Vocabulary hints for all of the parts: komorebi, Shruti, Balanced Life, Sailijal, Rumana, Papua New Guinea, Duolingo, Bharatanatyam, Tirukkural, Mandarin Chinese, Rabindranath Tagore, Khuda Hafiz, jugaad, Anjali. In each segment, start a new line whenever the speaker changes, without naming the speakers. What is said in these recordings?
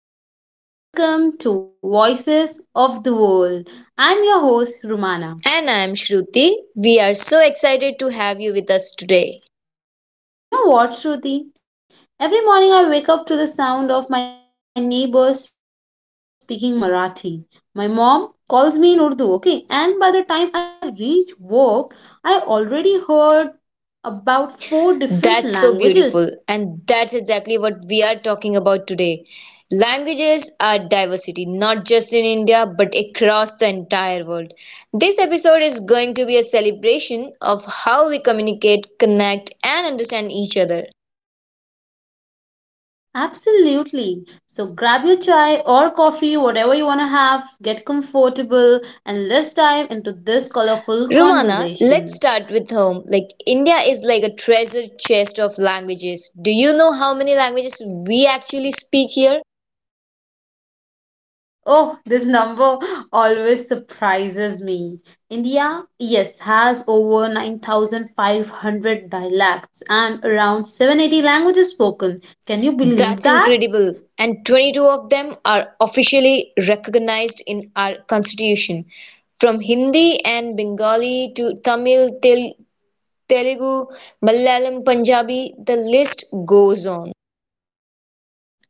everyone, and welcome to Voices of the World. I'm your host, Rumana.
And I'm Shruti. We are so excited to have you with us today.
You know what, Shruti? Every morning I wake up to the sound of my neighbors speaking Marathi. My mom calls me in Urdu, okay? And by the time I reach work, I already heard about four different
That's so beautiful.
languages.
And that's exactly what we are talking about today. Languages are diversity, not just in India, but across the entire world. This episode is going to be a celebration of how we communicate, connect, and understand each other.
Absolutely. So grab your chai or coffee, whatever you want to have, get comfortable, and let's dive into this colorful
Rumana, let's
conversation.
start with home. India is like a treasure chest of languages. Do you know how many languages we actually speak here?
Oh, this number always surprises me. India, yes, has over 9,500 dialects and around 780 languages spoken. Can you
That's
believe that?
incredible. And 22 of them are officially recognized in our constitution. From Hindi and Bengali to Tamil, Telugu, Malayalam, Punjabi, the list goes on.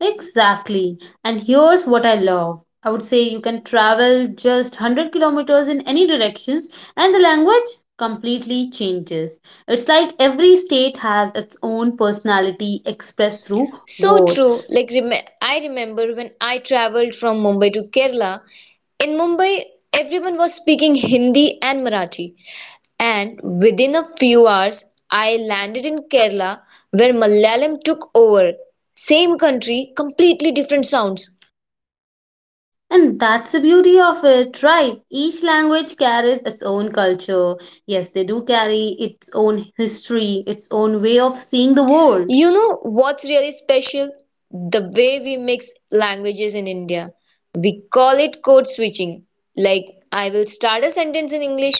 Exactly. And here's what I love. I would say you can travel just 100 kilometers in any directions and the language completely changes. It's like every state has its own personality expressed through
So true.
words.
I remember when I traveled from Mumbai to Kerala, in Mumbai everyone was speaking Hindi and Marathi. And within a few hours, I landed in Kerala where Malayalam took over. Same country, completely different sounds.
And that's the beauty of it, right? Each language carries its own culture. Yes, they do carry its own history, its own way of seeing the world.
You know what's really special? The way we mix languages in India. We call it code switching. Like, I will start a sentence in English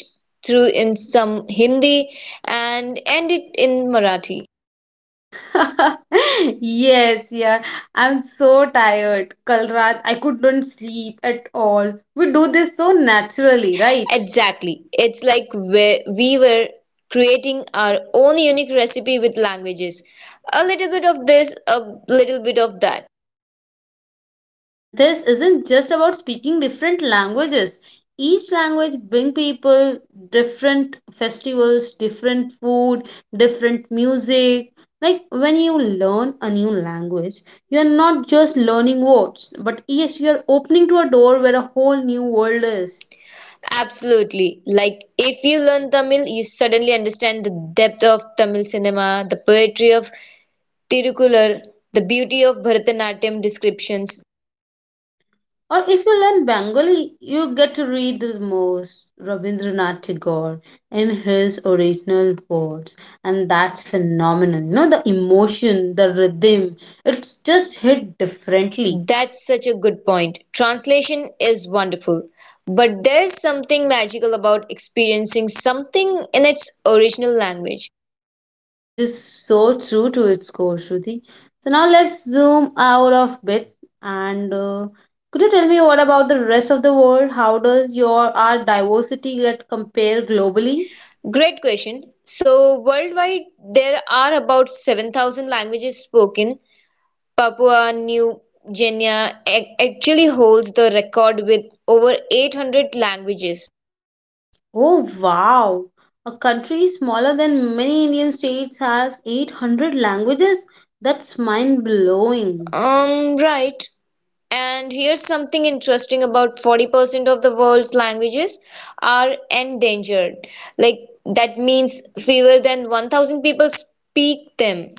through in some Hindi and end it in Marathi.
Yes, yeah. I'm so tired. Kalrat, I couldn't sleep at all. We do this so naturally, right?
Exactly. It's like we were creating our own unique recipe with languages. A little bit of this, a little bit of that.
And this isn't just about speaking different languages. Each language bring people different festivals, different food, different music. Like when you learn a new language, you're not just learning words, but yes, you're opening to a door where a whole new world is.
Absolutely. Like if you learn Tamil, you suddenly understand the depth of Tamil cinema, the poetry of Tirukkural, the beauty of Bharatanatyam descriptions.
Or if you learn Bengali, you get to read the most Rabindranath Tagore in his original words, and that's phenomenal. You know, the emotion, the rhythm, it's just hit differently.
That's such a good point. Translation is wonderful, but there's something magical about experiencing something in its original language.
It is so true to its core, Shruti. So now let's zoom out of bit and could you tell me what about the rest of the world? How does your our diversity get compared globally?
Great question. So, worldwide, there are about 7,000 languages spoken. Papua New Guinea actually holds the record with over 800 languages.
Oh wow! A country smaller than many Indian states has 800 languages? That's mind blowing.
Right. And here's something interesting. About 40% of the world's languages are endangered. Like, that means fewer than 1,000 people speak them.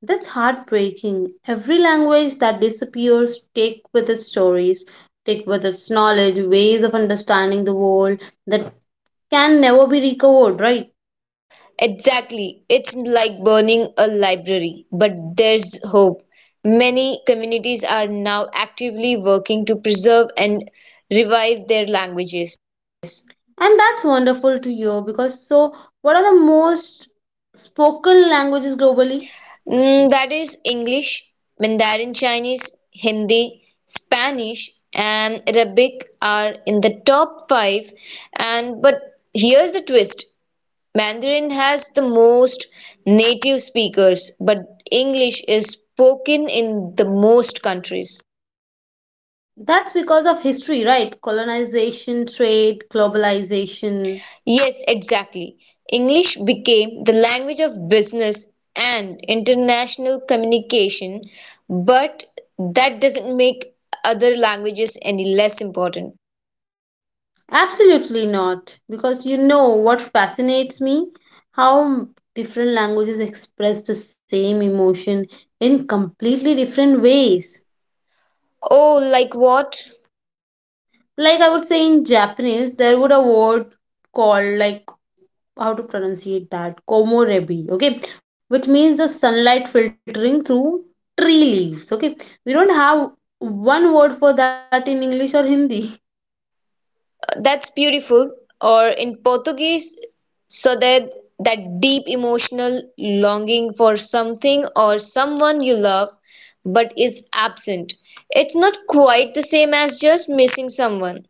That's heartbreaking. Every language that disappears take with its stories, take with its knowledge, ways of understanding the world that can never be recovered, right?
Exactly. It's like burning a library, but there's hope. Many communities are now actively working to preserve and revive their languages.
Yes. And that's wonderful to hear because so what are the most spoken languages globally?
That is English, Mandarin Chinese, Hindi, Spanish, and Arabic are in the top 5. And but here's the twist. Mandarin has the most native speakers, but English is spoken in the most countries.
That's because of history, right? Colonization, trade, globalization.
Yes, exactly. English became the language of business and international communication, but that doesn't make other languages any less important.
Absolutely not. Because you know what fascinates me? How different languages express the same emotion in completely different ways.
Oh, like what?
Like I would say in Japanese, there would a word called like how to pronunciate that komorebi, okay, which means the sunlight filtering through tree leaves. Okay, we don't have one word for that in English or Hindi.
That's beautiful. Or in Portuguese, so that deep emotional longing for something or someone you love but is absent. It's not quite the same as just missing someone.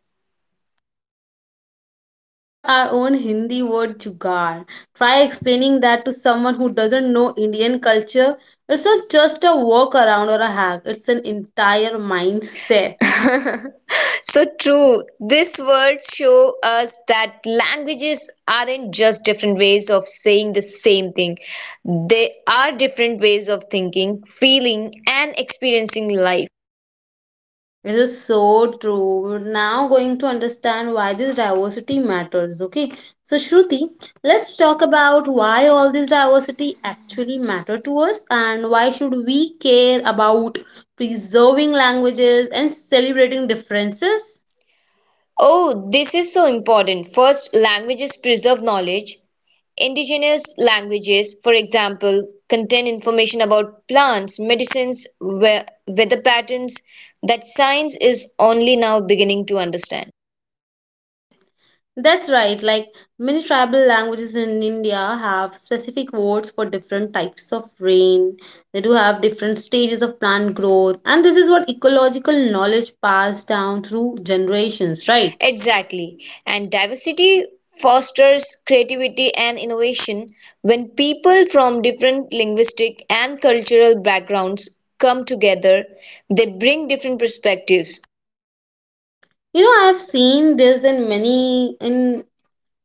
Or our own Hindi word jugaad. Try explaining that to someone who doesn't know Indian culture. It's not just a workaround or a hack, it's an entire mindset.
So true. These words show us that languages aren't just different ways of saying the same thing. They are different ways of thinking, feeling, and experiencing life.
This is so true. We're now going to understand why this diversity matters. Okay, so Shruti, let's talk about why all this diversity actually matter to us and why should we care about preserving languages and celebrating differences.
Oh, this is so important. First, languages preserve knowledge. Indigenous languages, for example, contain information about plants, medicines, weather patterns that science is only now beginning to understand.
That's right. Like many tribal languages in India have specific words for different types of rain. They do have different stages of plant growth, and this is what ecological knowledge passed down through generations, right?
Exactly. And diversity fosters creativity and innovation when people from different linguistic and cultural backgrounds come together, they bring different perspectives.
You know, I have seen this in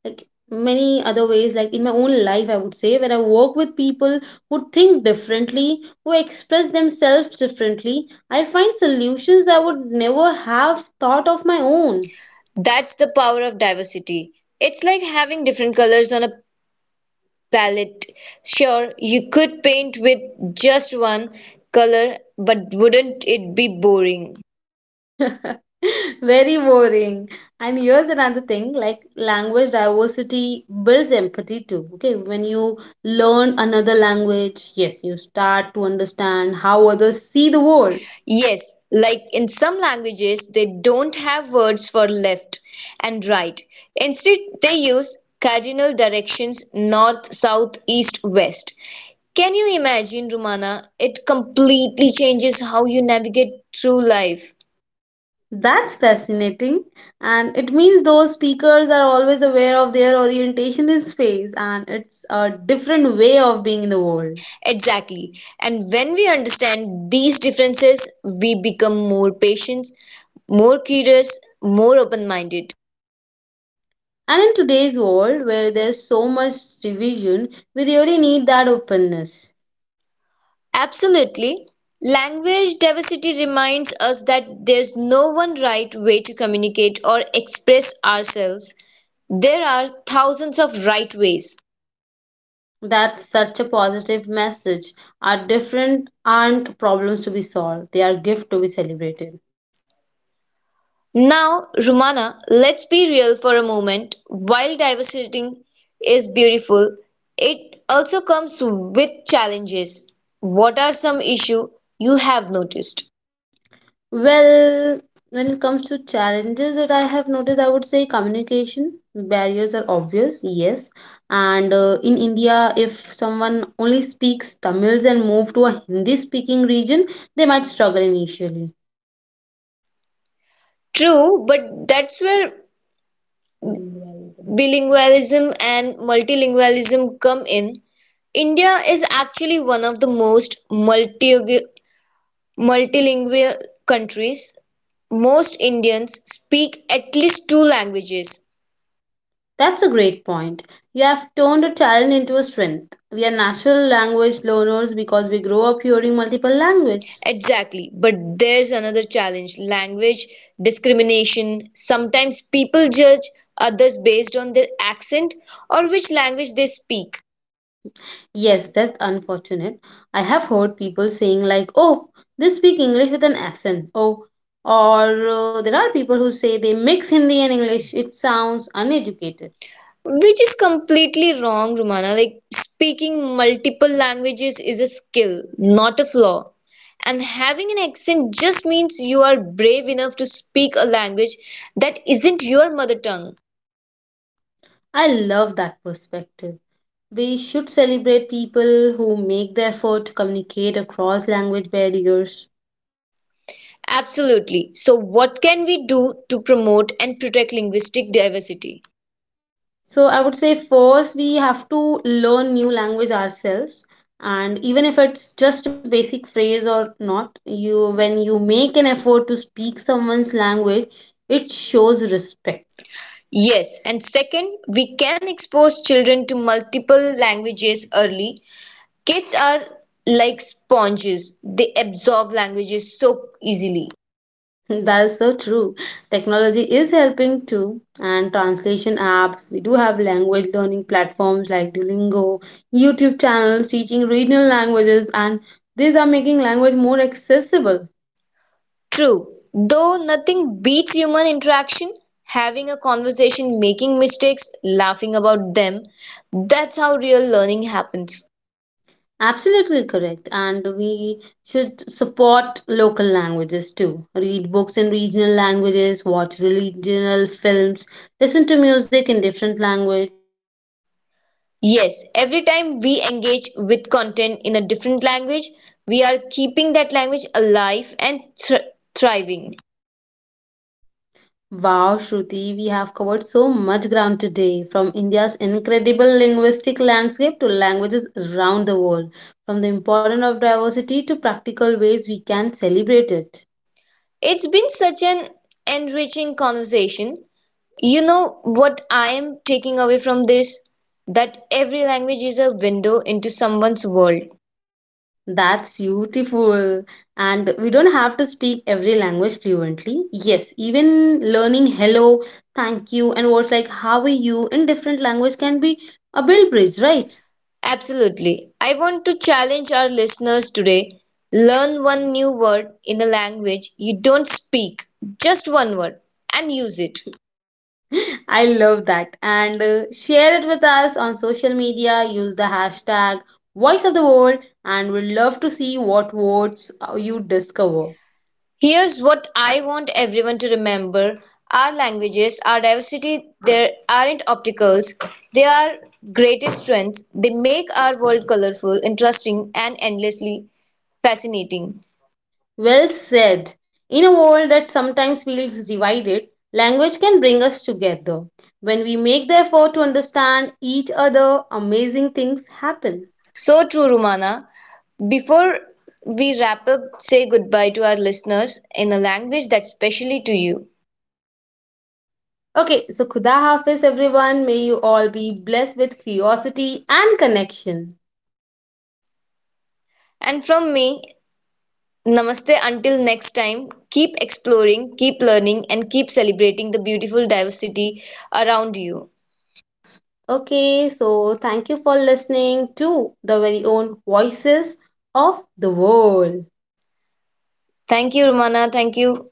like many other ways, like in my own life, I would say, where I work with people who think differently, who express themselves differently. I find solutions I would never have thought of my own.
That's the power of diversity. It's like having different colors on a palette. Sure, you could paint with just one color, but wouldn't it be boring?
Very boring. And here's another thing like language diversity builds empathy too. Okay, when you learn another language, yes, you start to understand how others see the world.
Yes, like in some languages, they don't have words for left and right. Instead, they use cardinal directions: north, south, east, west. Can you imagine, Rumana? It completely changes how you navigate through life.
That's fascinating. And it means those speakers are always aware of their orientation in space, and it's a different way of being in the world.
Exactly. And when we understand these differences, we become more patient, more curious, more open minded.
And in today's world, where there's so much division, we really need that openness.
Absolutely, language diversity reminds us that there's no one right way to communicate or express ourselves. There are thousands of right ways.
That's such a positive message. Our different aren't problems to be solved, they are gift to be celebrated.
Now, Rumana, let's be real for a moment. While diversity is beautiful, it also comes with challenges. What are some issues you have noticed?
Well, when it comes to challenges that I have noticed, I would say communication barriers are obvious, yes. And in India, if someone only speaks Tamils and move to a Hindi speaking region, they might struggle initially.
True, but that's where bilingualism and multilingualism come in. India is actually one of the most multilingual countries. Most Indians speak at least 2 languages.
That's a great point. You have turned a challenge into a strength. We are natural language learners because we grow up hearing multiple languages.
Exactly, but there's another challenge: language discrimination. Sometimes people judge others based on their accent or which language they speak.
Yes, that's unfortunate. I have heard people saying, like, oh, they speak English with an accent. Oh, or there are people who say they mix Hindi and English. It sounds uneducated.
Which is completely wrong, Romana. Like, speaking multiple languages is a skill, not a flaw. And having an accent just means you are brave enough to speak a language that isn't your mother tongue.
I love that perspective. We should celebrate people who make the effort to communicate across language barriers.
Absolutely. So, what can we do to promote and protect linguistic diversity?
So I would say first we have to learn new language ourselves and even if it's just a basic phrase or not you when you make an effort to speak someone's language it shows respect.
Yes, and second, we can expose children to multiple languages early. Kids are like sponges, they absorb languages so easily.
That's so true. Technology is helping too, and translation apps we do have, language learning platforms like Duolingo, YouTube channels teaching regional languages, and these are making language more accessible.
True, though nothing beats human interaction, having a conversation, making mistakes, laughing about them, that's how real learning happens.
Absolutely correct. And we should support local languages too. Read books in regional languages, watch regional films, listen to music in different language.
Yes, every time we engage with content in a different language, we are keeping that language alive and thriving.
Wow, Shruti, we have covered so much ground today, from India's incredible linguistic landscape to languages around the world, from the importance of diversity to practical ways we can celebrate it.
It's been such an enriching conversation. You know what I am taking away from this? That every language is a window into someone's world.
That's beautiful. And we don't have to speak every language fluently. Yes, even learning hello, thank you, and words like how are you in different language can be a build bridge, right?
Absolutely. I want to challenge our listeners today. Learn one new word in a language you don't speak, just one word, and use it.
I love that. And share it with us on social media. Use the hashtag voice of the world, and we'd love to see what words you discover.
Here's what I want everyone to remember: our languages, our diversity, there aren't obstacles, they are greatest strengths. They make our world colorful, interesting, and endlessly fascinating.
Well said. In a world that sometimes feels divided, language can bring us together. When we make the effort to understand each other, amazing things happen.
So true, Rumana. Before we wrap up, say goodbye to our listeners in a language that's specially to you.
Okay, so Khuda Hafiz, everyone. May you all be blessed with curiosity and connection.
And from me, namaste until next time. Keep exploring, keep learning, and keep celebrating the beautiful diversity around you.
Okay, so thank you for listening to the very own voices of the world.
Thank you, Rumana. Thank you.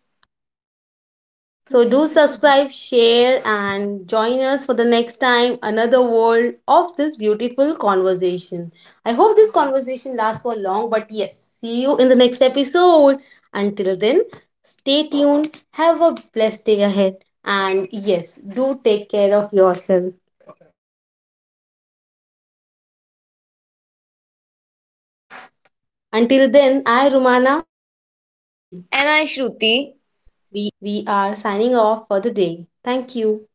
So do subscribe, share, and join us for the next time another world of this beautiful conversation. I hope this conversation lasts for long, but yes, see you in the next episode. Until then, stay tuned, have a blessed day ahead, and yes, do take care of yourself. Until then, I, Romana,
And I, Shruti. We
we are signing off for the day. Thank you.